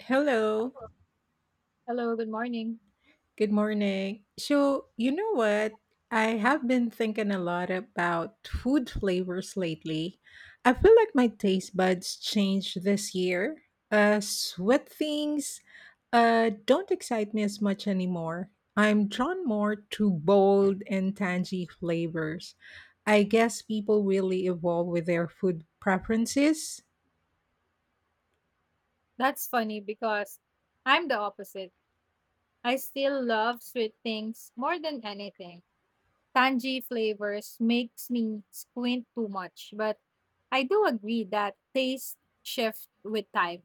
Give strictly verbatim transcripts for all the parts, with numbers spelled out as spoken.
Hello, Hello, good morning. good morning. So, you know what? I have been thinking a lot about food flavors lately. I feel like my taste buds changed this year. Uh, sweet things uh, don't excite me as much anymore. I'm drawn more to bold and tangy flavors. I guess people really evolve with their food preferences. That's funny because I'm the opposite. I still love sweet things more than anything. Tangy flavors makes me squint too much, but I do agree that taste shift with time.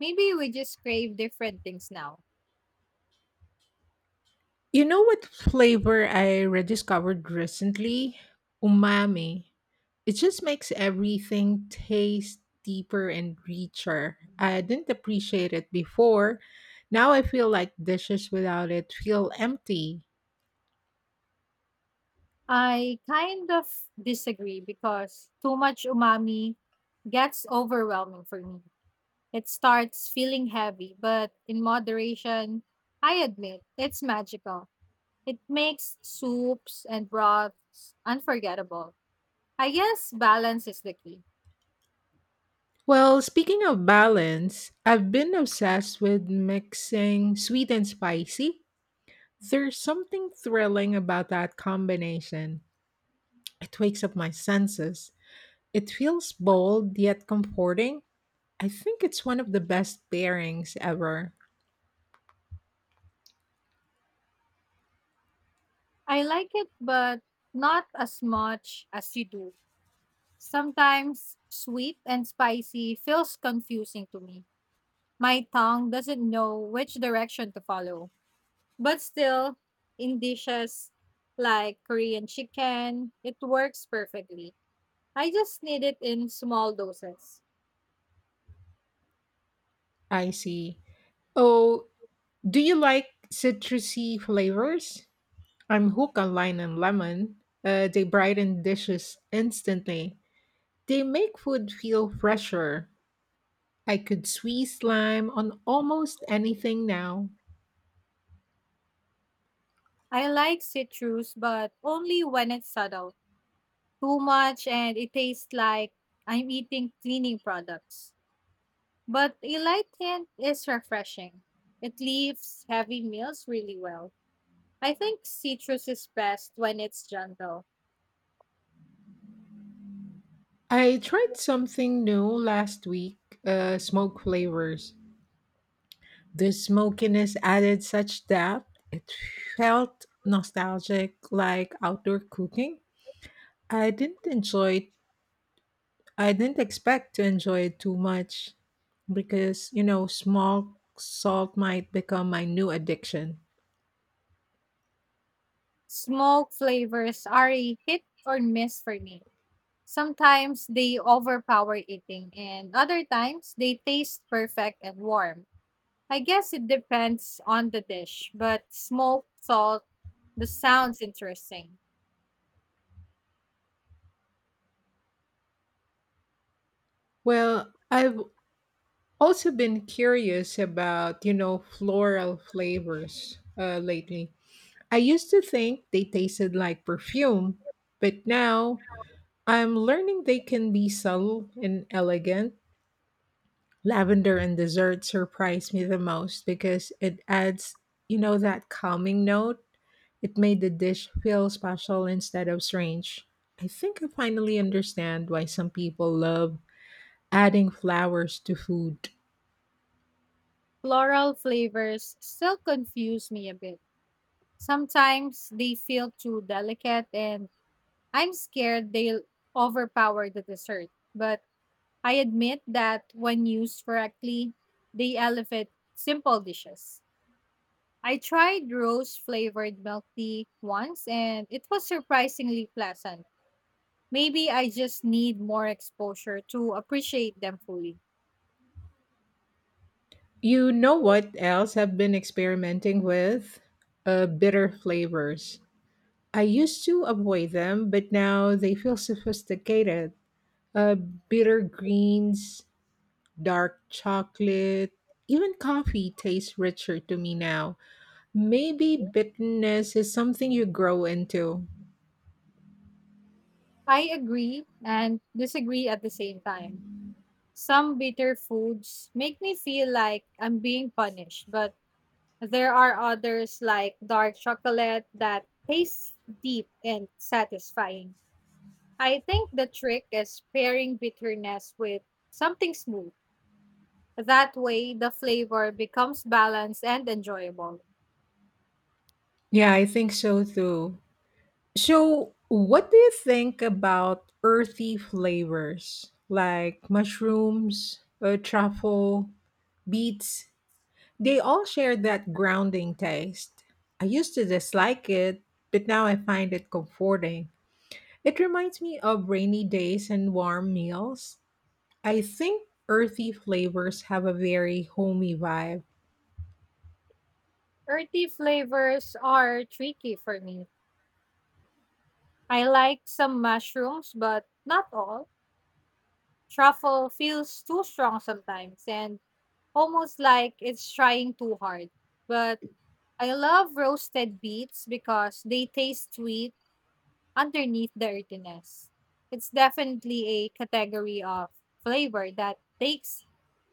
Maybe we just crave different things now. You know what flavor I rediscovered recently? Umami. It just makes everything taste deeper and richer. I didn't appreciate it before. Now I feel like dishes without it feel empty. I kind of disagree because too much umami gets overwhelming for me. It starts feeling heavy, but in moderation, I admit it's magical. It makes soups and broths unforgettable. I guess balance is the key. Well, speaking of balance, I've been obsessed with mixing sweet and spicy. There's something thrilling about that combination. It wakes up my senses. It feels bold yet comforting. I think it's one of the best pairings ever. I like it, but not as much as you do. Sometimes sweet and spicy feels confusing to me. My tongue doesn't know which direction to follow. But still, in dishes like Korean chicken, it works perfectly. I just need it in small doses. I see. Oh, do you like citrusy flavors? I'm hooked on lime and lemon. Uh, they brighten dishes instantly. They make food feel fresher. I could squeeze lime on almost anything now. I like citrus, but only when it's subtle. Too much and it tastes like I'm eating cleaning products. But a light hint is refreshing. It leaves heavy meals really well. I think citrus is best when it's gentle. I tried something new last week uh, smoke flavors. The smokiness added such depth. It felt nostalgic, like outdoor cooking. I didn't enjoy I didn't expect to enjoy it too much because, you know, small salt might become my new addiction. Smoke flavors are a hit or miss for me. Sometimes they overpower eating, and other times they taste perfect and warm. I guess it depends on the dish, but smoke, salt, the sounds interesting. Well, I've also been curious about, you know, floral flavors uh, lately. I used to think they tasted like perfume, but now I'm learning they can be subtle and elegant. Lavender and dessert surprised me the most because it adds, you know, that calming note. It made the dish feel special instead of strange. I think I finally understand why some people love adding flowers to food. Floral flavors still confuse me a bit. Sometimes they feel too delicate and I'm scared they'll overpower the dessert. But I admit that when used correctly, they elevate simple dishes. I tried rose flavored milk tea once and it was surprisingly pleasant. Maybe I just need more exposure to appreciate them fully. You know what else I've been experimenting with? Uh, bitter flavors. I used to avoid them, but now they feel sophisticated. Uh, Bitter greens, dark chocolate, even coffee tastes richer to me now. Maybe bitterness is something you grow into. I agree and disagree at the same time. Some bitter foods make me feel like I'm being punished, but there are others like dark chocolate that tastes deep and satisfying. I think the trick is pairing bitterness with something smooth. That way, the flavor becomes balanced and enjoyable. Yeah, I think so too. So, what do you think about earthy flavors like mushrooms, uh, truffle, beets? They all share that grounding taste. I used to dislike it, but now I find it comforting. It reminds me of rainy days and warm meals. I think earthy flavors have a very homey vibe. Earthy flavors are tricky for me. I like some mushrooms, but not all. Truffle feels too strong sometimes, and almost like it's trying too hard. But I love roasted beets because they taste sweet underneath the earthiness. It's definitely a category of flavor that takes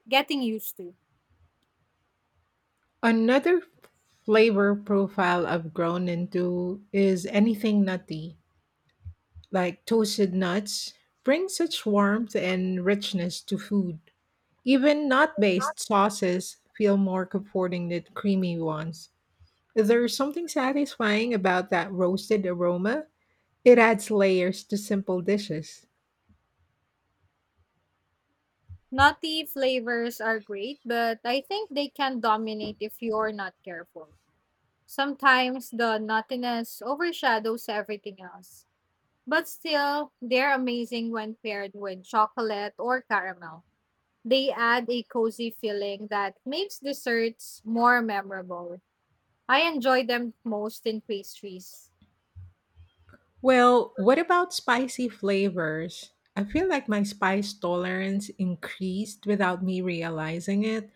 getting used to. Another flavor profile I've grown into is anything nutty, like toasted nuts, bring such warmth and richness to food. Even nut based sauces feel more comforting than creamy ones. There's something satisfying about that roasted aroma. It adds layers to simple dishes. Nutty flavors are great, but I think they can dominate if you're not careful. Sometimes the nuttiness overshadows everything else. But still, they're amazing when paired with chocolate or caramel. They add a cozy feeling that makes desserts more memorable. I enjoy them most in pastries. Well, what about spicy flavors? I feel like my spice tolerance increased without me realizing it.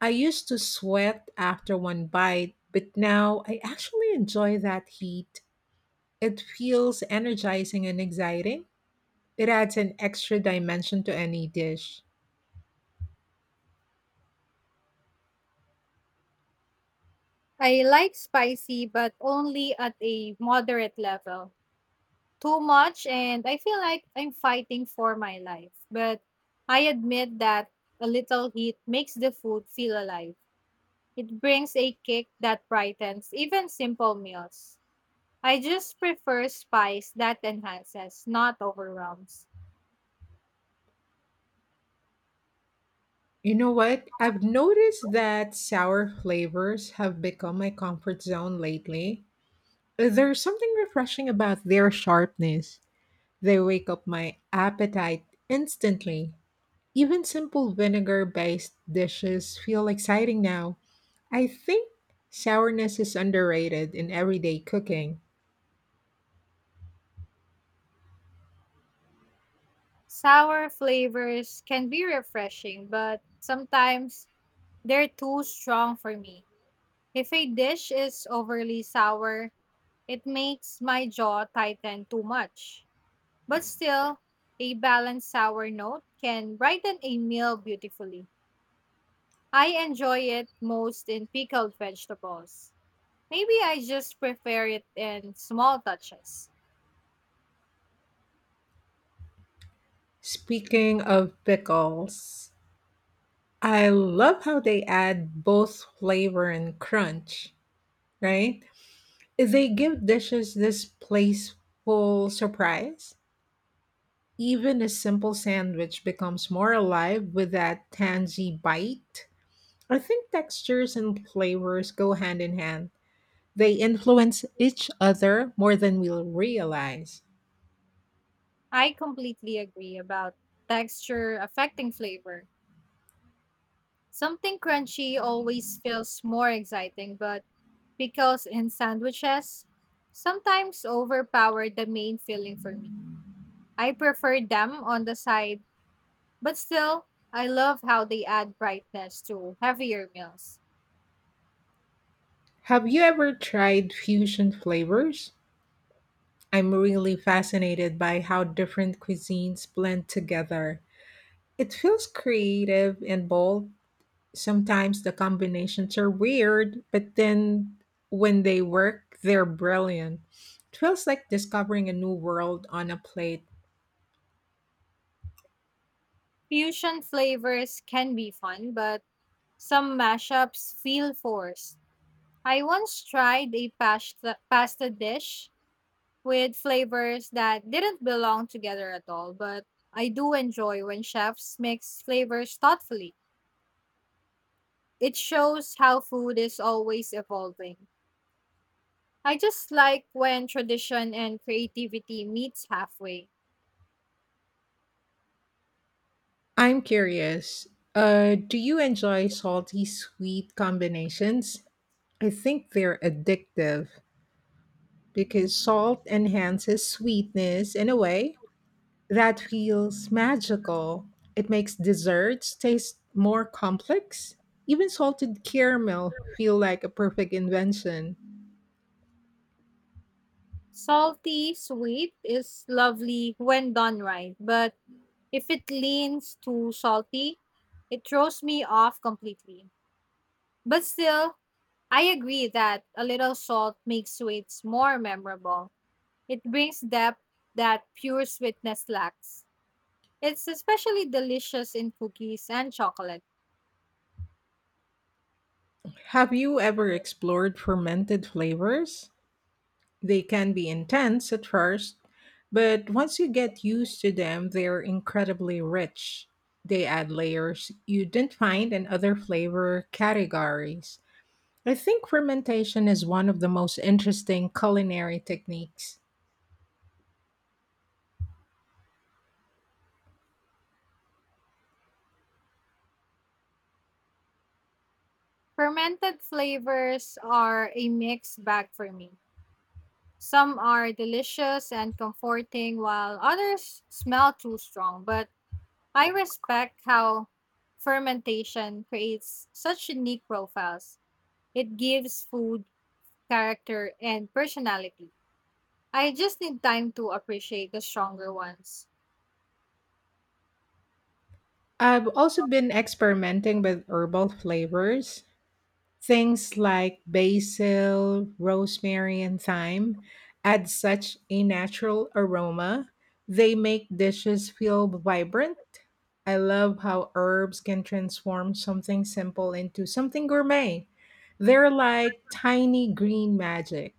I used to sweat after one bite, but now I actually enjoy that heat. It feels energizing and exciting. It adds an extra dimension to any dish. I like spicy, but only at a moderate level. Too much, and I feel like I'm fighting for my life. But I admit that a little heat makes the food feel alive. It brings a kick that brightens even simple meals. I just prefer spice that enhances, not overwhelms. You know what? I've noticed that sour flavors have become my comfort zone lately. There's something refreshing about their sharpness. They wake up my appetite instantly. Even simple vinegar based dishes feel exciting now. I think sourness is underrated in everyday cooking. Sour flavors can be refreshing, but sometimes they're too strong for me. If a dish is overly sour, it makes my jaw tighten too much. But still, a balanced sour note can brighten a meal beautifully. I enjoy it most in pickled vegetables. Maybe I just prefer it in small touches. Speaking of pickles, I love how they add both flavor and crunch, right? They give dishes this playful surprise. Even a simple sandwich becomes more alive with that tangy bite. I think textures and flavors go hand in hand. They influence each other more than we'll realize. I completely agree about texture affecting flavor. Something crunchy always feels more exciting, but pickles in sandwiches sometimes overpower the main feeling for me. I prefer them on the side, but still, I love how they add brightness to heavier meals. Have you ever tried fusion flavors? I'm really fascinated by how different cuisines blend together. It feels creative and bold. Sometimes the combinations are weird, but then when they work, they're brilliant. It feels like discovering a new world on a plate. Fusion flavors can be fun, but some mashups feel forced. I once tried a pasta, pasta dish with flavors that didn't belong together at all, but I do enjoy when chefs mix flavors thoughtfully. It shows how food is always evolving. I just like when tradition and creativity meets halfway. I'm curious, uh, do you enjoy salty sweet combinations? I think they're addictive because salt enhances sweetness in a way that feels magical. It makes desserts taste more complex. Even salted caramel feel like a perfect invention. Salty, sweet is lovely when done right, but if it leans too salty, it throws me off completely. But still, I agree that a little salt makes sweets more memorable. It brings depth that pure sweetness lacks. It's especially delicious in cookies and chocolate. Have you ever explored fermented flavors? They can be intense at first, but once you get used to them, they're incredibly rich. They add layers you didn't find in other flavor categories. I think fermentation is one of the most interesting culinary techniques. Fermented flavors are a mixed bag for me. Some are delicious and comforting, while others smell too strong. But I respect how fermentation creates such unique profiles. It gives food character and personality. I just need time to appreciate the stronger ones. I've also been experimenting with herbal flavors. Things like basil, rosemary, and thyme add such a natural aroma. They make dishes feel vibrant. I love how herbs can transform something simple into something gourmet. They're like tiny green magic.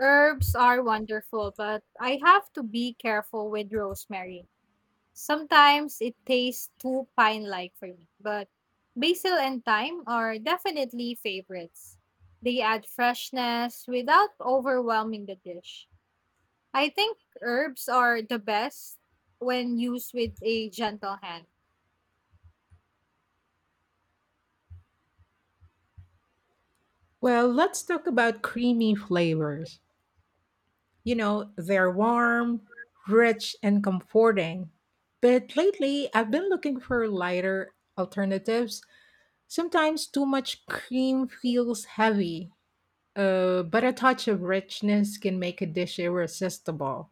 Herbs are wonderful, but I have to be careful with rosemary. Sometimes it tastes too pine like for me, but basil and thyme are definitely favorites. They add freshness without overwhelming the dish. I think herbs are the best when used with a gentle hand. Well, let's talk about creamy flavors. You know, they're warm, rich, and comforting. But lately, I've been looking for lighter alternatives. Sometimes too much cream feels heavy, uh, but a touch of richness can make a dish irresistible.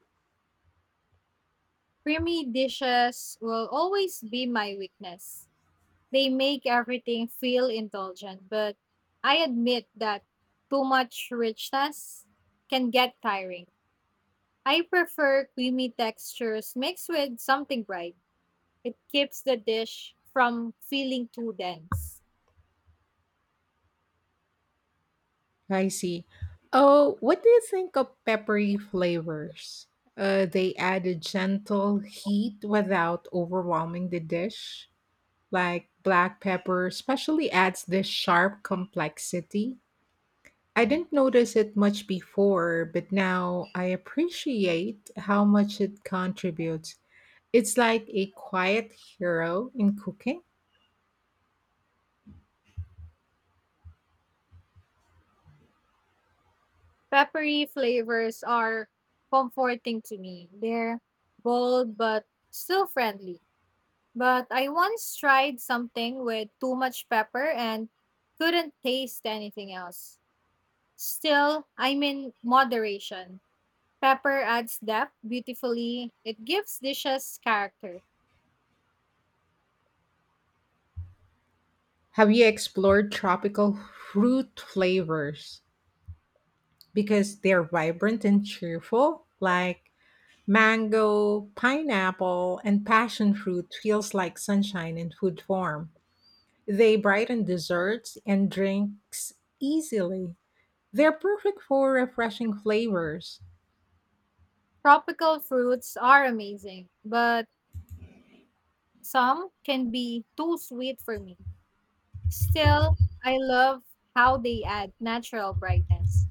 Creamy dishes will always be my weakness. They make everything feel indulgent, but I admit that too much richness can get tiring. I prefer creamy textures mixed with something bright. It keeps the dish from feeling too dense. I see. Oh, what do you think of peppery flavors? Uh, they add a gentle heat without overwhelming the dish. Like black pepper, especially adds this sharp complexity. I didn't notice it much before, but now I appreciate how much it contributes. It's like a quiet hero in cooking. Peppery flavors are comforting to me. They're bold but still friendly. But I once tried something with too much pepper and couldn't taste anything else. Still, I'm in moderation. Pepper adds depth beautifully. It gives dishes character. Have you explored tropical fruit flavors? Because they're vibrant and cheerful, like mango, pineapple, and passion fruit feels like sunshine in food form. They brighten desserts and drinks easily. They're perfect for refreshing flavors. Tropical fruits are amazing, but some can be too sweet for me. Still, I love how they add natural brightness.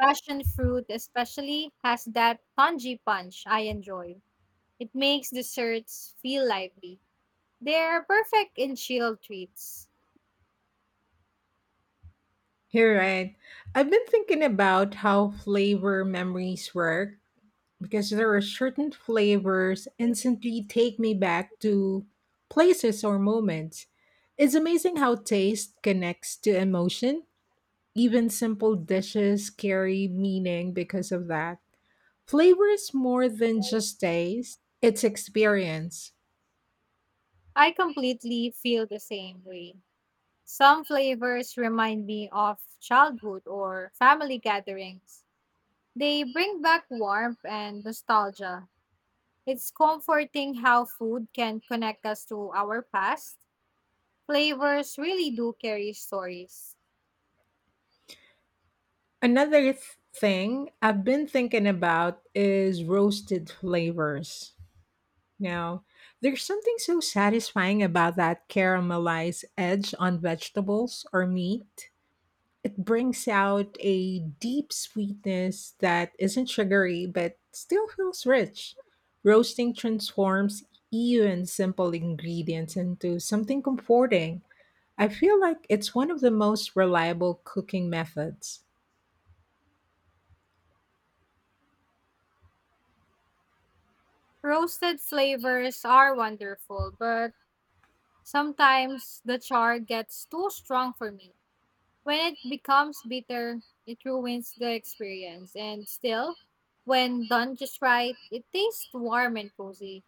Passion fruit, especially, has that tangy punch I enjoy. It makes desserts feel lively. They're perfect in chill treats. You're right. I've been thinking about how flavor memories work because there are certain flavors instantly take me back to places or moments. It's amazing how taste connects to emotion. Even simple dishes carry meaning because of that. Flavor is more than just taste, it's experience. I completely feel the same way. Some flavors remind me of childhood or family gatherings. They bring back warmth and nostalgia. It's comforting how food can connect us to our past. Flavors really do carry stories. Another th- thing I've been thinking about is roasted flavors. No. There's something so satisfying about that caramelized edge on vegetables or meat. It brings out a deep sweetness that isn't sugary but still feels rich. Roasting transforms even simple ingredients into something comforting. I feel like it's one of the most reliable cooking methods. Roasted flavors are wonderful, but sometimes the char gets too strong for me. When it becomes bitter, it ruins the experience. And still, when done just right, it tastes warm and cozy.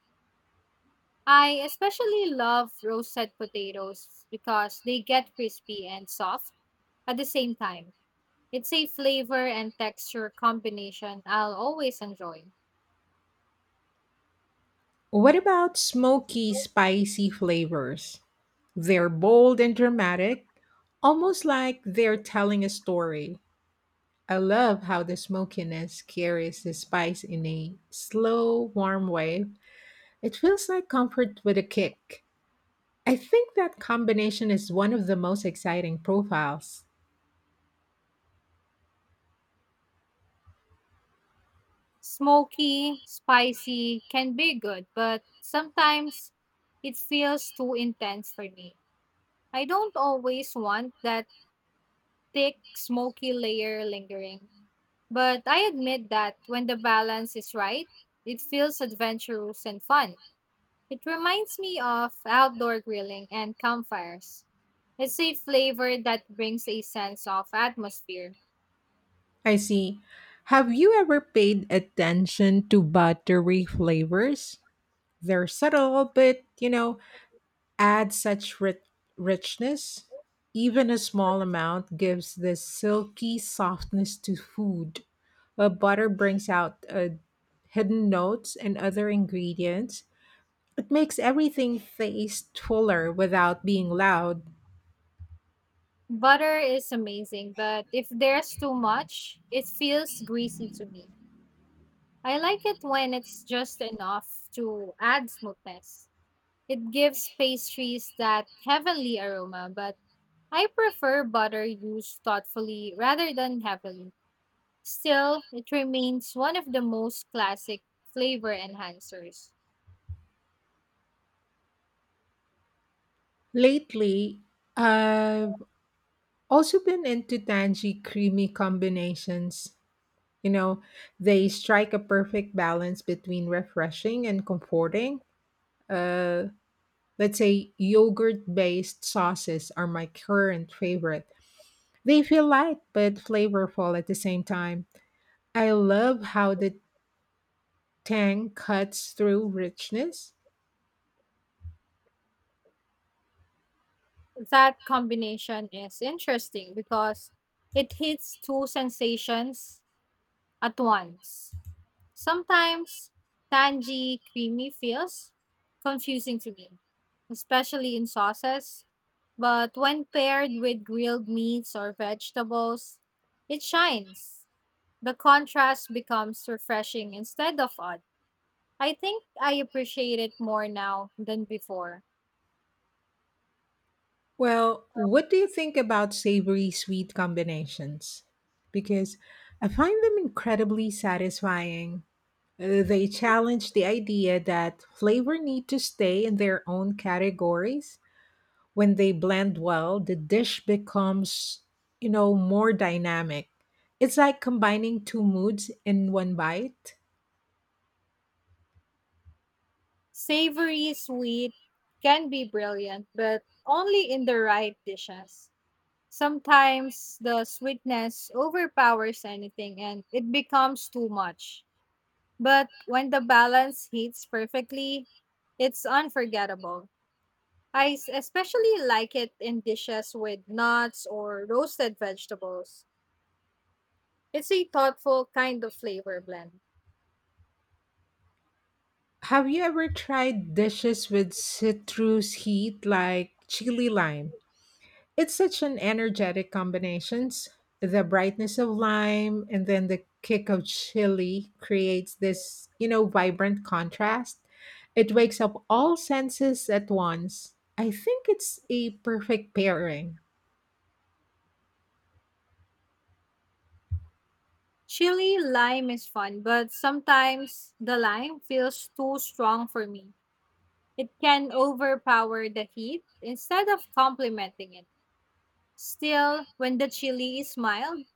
I especially love roasted potatoes because they get crispy and soft at the same time. It's a flavor and texture combination I'll always enjoy. What about smoky, spicy flavors? They're bold and dramatic, almost like they're telling a story. I love how the smokiness carries the spice in a slow, warm way. It feels like comfort with a kick. I think that combination is one of the most exciting profiles. Smoky, spicy can be good, but sometimes it feels too intense for me. I don't always want that thick, smoky layer lingering, but I admit that when the balance is right, it feels adventurous and fun. It reminds me of outdoor grilling and campfires. It's a flavor that brings a sense of atmosphere. I see. Have you ever paid attention to buttery flavors? They're subtle, but you know, add such ri- richness. Even a small amount gives this silky softness to food. A butter brings out uh, hidden notes and other ingredients. It makes everything taste fuller without being loud. Butter is amazing, but if there's too much, it feels greasy to me. I like it when it's just enough to add smoothness. It gives pastries that heavenly aroma, but I prefer butter used thoughtfully rather than heavily. Still, it remains one of the most classic flavor enhancers. Lately, I've also been into tangy, creamy combinations. You know, they strike a perfect balance between refreshing and comforting. Uh, Let's say yogurt based sauces are my current favorite. They feel light but flavorful at the same time. I love how the tang cuts through richness. That combination is interesting because it hits two sensations at once. Sometimes tangy, creamy feels confusing to me, especially in sauces, but when paired with grilled meats or vegetables, it shines. The contrast becomes refreshing instead of odd. I think I appreciate it more now than before. Well, what do you think about savory sweet combinations? Because I find them incredibly satisfying. Uh, They challenge the idea that flavor need to stay in their own categories. When they blend well, the dish becomes, you know, more dynamic. It's like combining two moods in one bite. Savory sweet can be brilliant, but only in the right dishes. Sometimes the sweetness overpowers anything and it becomes too much. But when the balance hits perfectly, it's unforgettable. I s- especially like it in dishes with nuts or roasted vegetables. It's a thoughtful kind of flavor blend. Have you ever tried dishes with citrus heat like chili lime? It's such an energetic combinations. The brightness of lime and then the kick of chili creates this, you know, vibrant contrast. It wakes up all senses at once. I think it's a perfect pairing. Chili lime is fun, but sometimes the lime feels too strong for me. It can overpower the heat instead of complementing it. Still, when the chili is mild,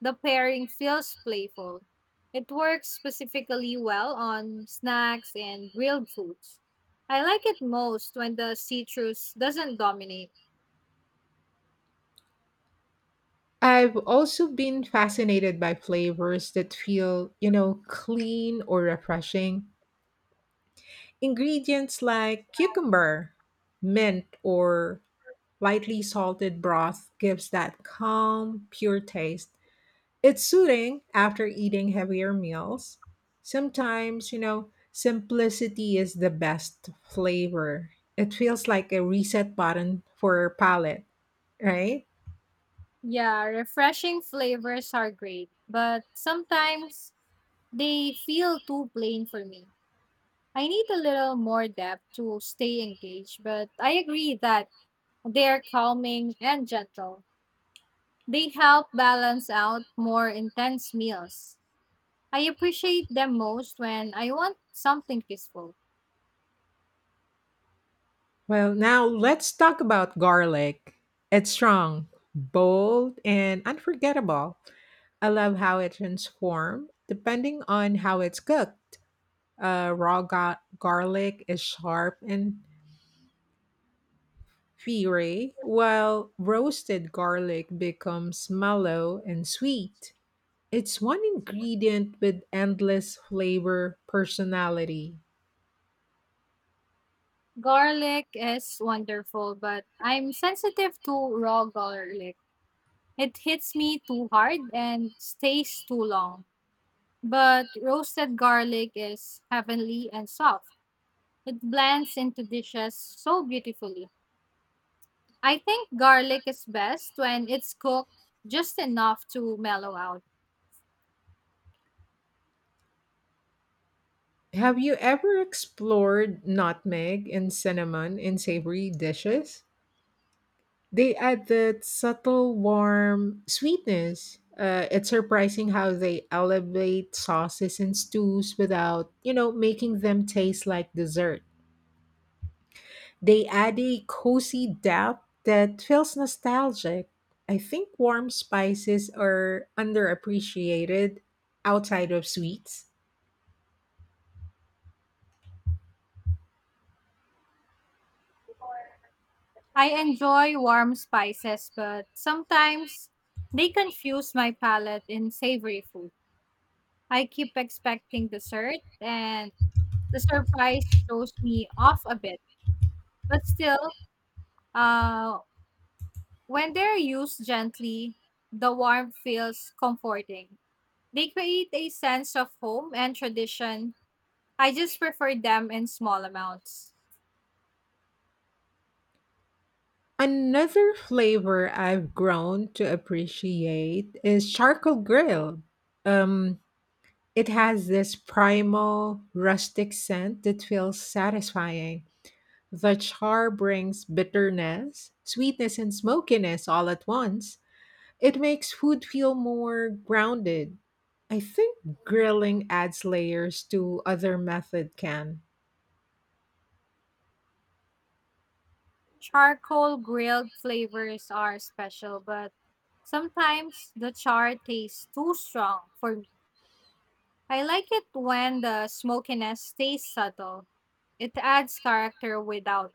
the pairing feels playful. It works specifically well on snacks and grilled foods. I like it most when the citrus doesn't dominate. I've also been fascinated by flavors that feel, you know, clean or refreshing. Ingredients like cucumber, mint, or lightly salted broth gives that calm, pure taste. It's soothing after eating heavier meals. Sometimes, you know, simplicity is the best flavor. It feels like a reset button for your palate, right? Yeah, refreshing flavors are great, but sometimes they feel too plain for me. I need a little more depth to stay engaged, but I agree that they're calming and gentle. They help balance out more intense meals. I appreciate them most when I want something peaceful. Well, now let's talk about garlic. It's strong, bold, and unforgettable. I love how it transforms depending on how it's cooked. Uh, raw ga- garlic is sharp and fiery, while roasted garlic becomes mellow and sweet. It's one ingredient with endless flavor personality. Garlic is wonderful, but I'm sensitive to raw garlic. It hits me too hard and stays too long. But roasted garlic is heavenly and soft. It blends into dishes so beautifully. I think garlic is best when it's cooked just enough to mellow out. Have you ever explored nutmeg and cinnamon in savory dishes? They add that subtle, warm sweetness. Uh, it's surprising how they elevate sauces and stews without, you know, making them taste like dessert. They add a cozy depth that feels nostalgic. I think warm spices are underappreciated outside of sweets. I enjoy warm spices, but sometimes they confuse my palate in savory food. I keep expecting dessert, and the surprise throws me off a bit. But still, uh, when they're used gently, the warmth feels comforting. They create a sense of home and tradition. I just prefer them in small amounts. Another flavor I've grown to appreciate is charcoal grill. Um, It has this primal, rustic scent that feels satisfying. The char brings bitterness, sweetness, and smokiness all at once. It makes food feel more grounded. I think grilling adds layers to other method can. Charcoal grilled flavors are special, but sometimes the char tastes too strong for me. I like it when the smokiness stays subtle. It adds character without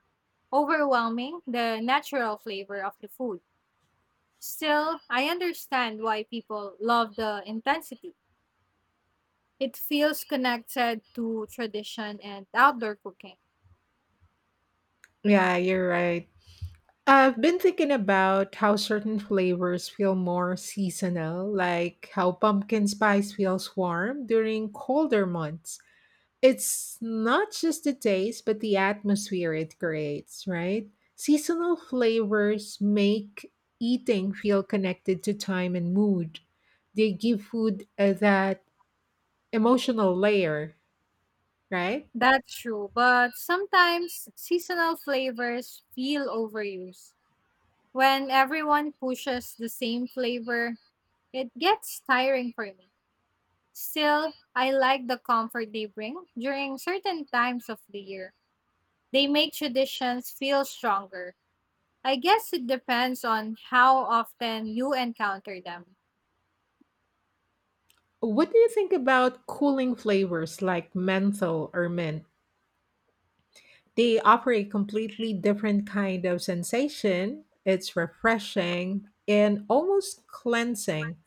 overwhelming the natural flavor of the food. Still, I understand why people love the intensity. It feels connected to tradition and outdoor cooking. Yeah, you're right. I've been thinking about how certain flavors feel more seasonal, like how pumpkin spice feels warm during colder months. It's not just the taste, but the atmosphere it creates, right? Seasonal flavors make eating feel connected to time and mood. They give food uh, that emotional layer, right? That's true, but sometimes seasonal flavors feel overused. When everyone pushes the same flavor, it gets tiring for me. Still, I like the comfort they bring during certain times of the year. They make traditions feel stronger. I guess it depends on how often you encounter them. What do you think about cooling flavors like menthol or mint? They offer a completely different kind of sensation. It's refreshing and almost cleansing.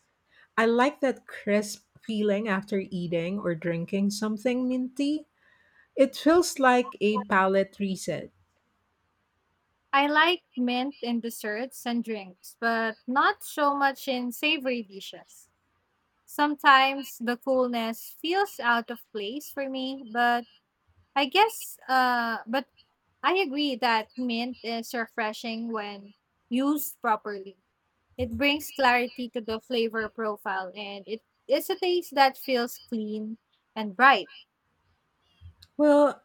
I like that crisp feeling after eating or drinking something minty. It feels like a palate reset. I like mint in desserts and drinks, but not so much in savory dishes. Sometimes the coolness feels out of place for me, but I guess uh but I agree that mint is refreshing when used properly. It brings clarity to the flavor profile and it is a taste that feels clean and bright. Well,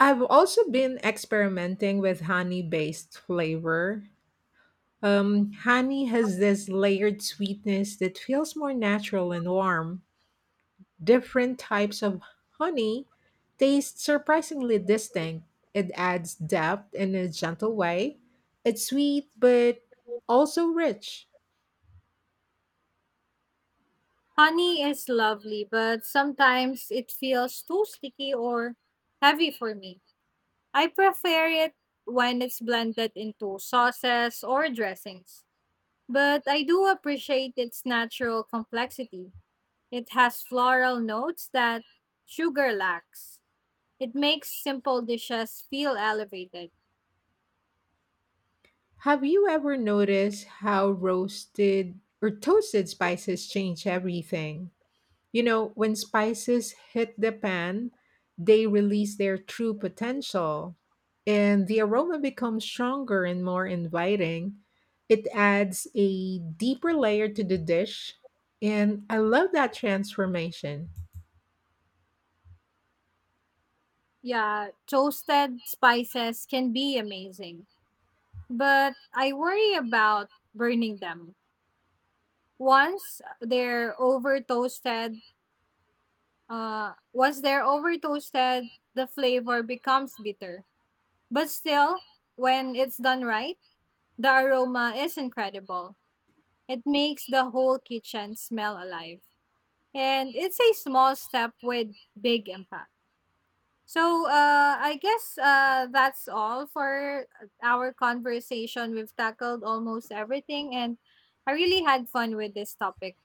I've also been experimenting with honey based flavor. Um, honey has this layered sweetness that feels more natural and warm. Different types of honey taste surprisingly distinct. It adds depth in a gentle way. It's sweet, but also rich. Honey is lovely, but sometimes it feels too sticky or heavy for me. I prefer it when it's blended into sauces or dressings, but I do appreciate its natural complexity. It has floral notes that sugar lacks. It makes simple dishes feel elevated. Have you ever noticed how roasted or toasted spices change everything? You know, when spices hit the pan, they release their true potential, and the aroma becomes stronger and more inviting. It adds a deeper layer to the dish, and I love that transformation. Yeah, toasted spices can be amazing, but I worry about burning them. Once they're over toasted, uh, Once they're over toasted, the flavor becomes bitter. But still, when it's done right, the aroma is incredible. It makes the whole kitchen smell alive. And it's a small step with big impact. So, uh, I guess uh, that's all for our conversation. We've tackled almost everything, and I really had fun with this topic.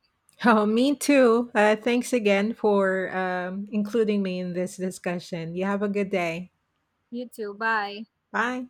Oh, me too. Uh, thanks again for um, including me in this discussion. You have a good day. You too. Bye. Bye.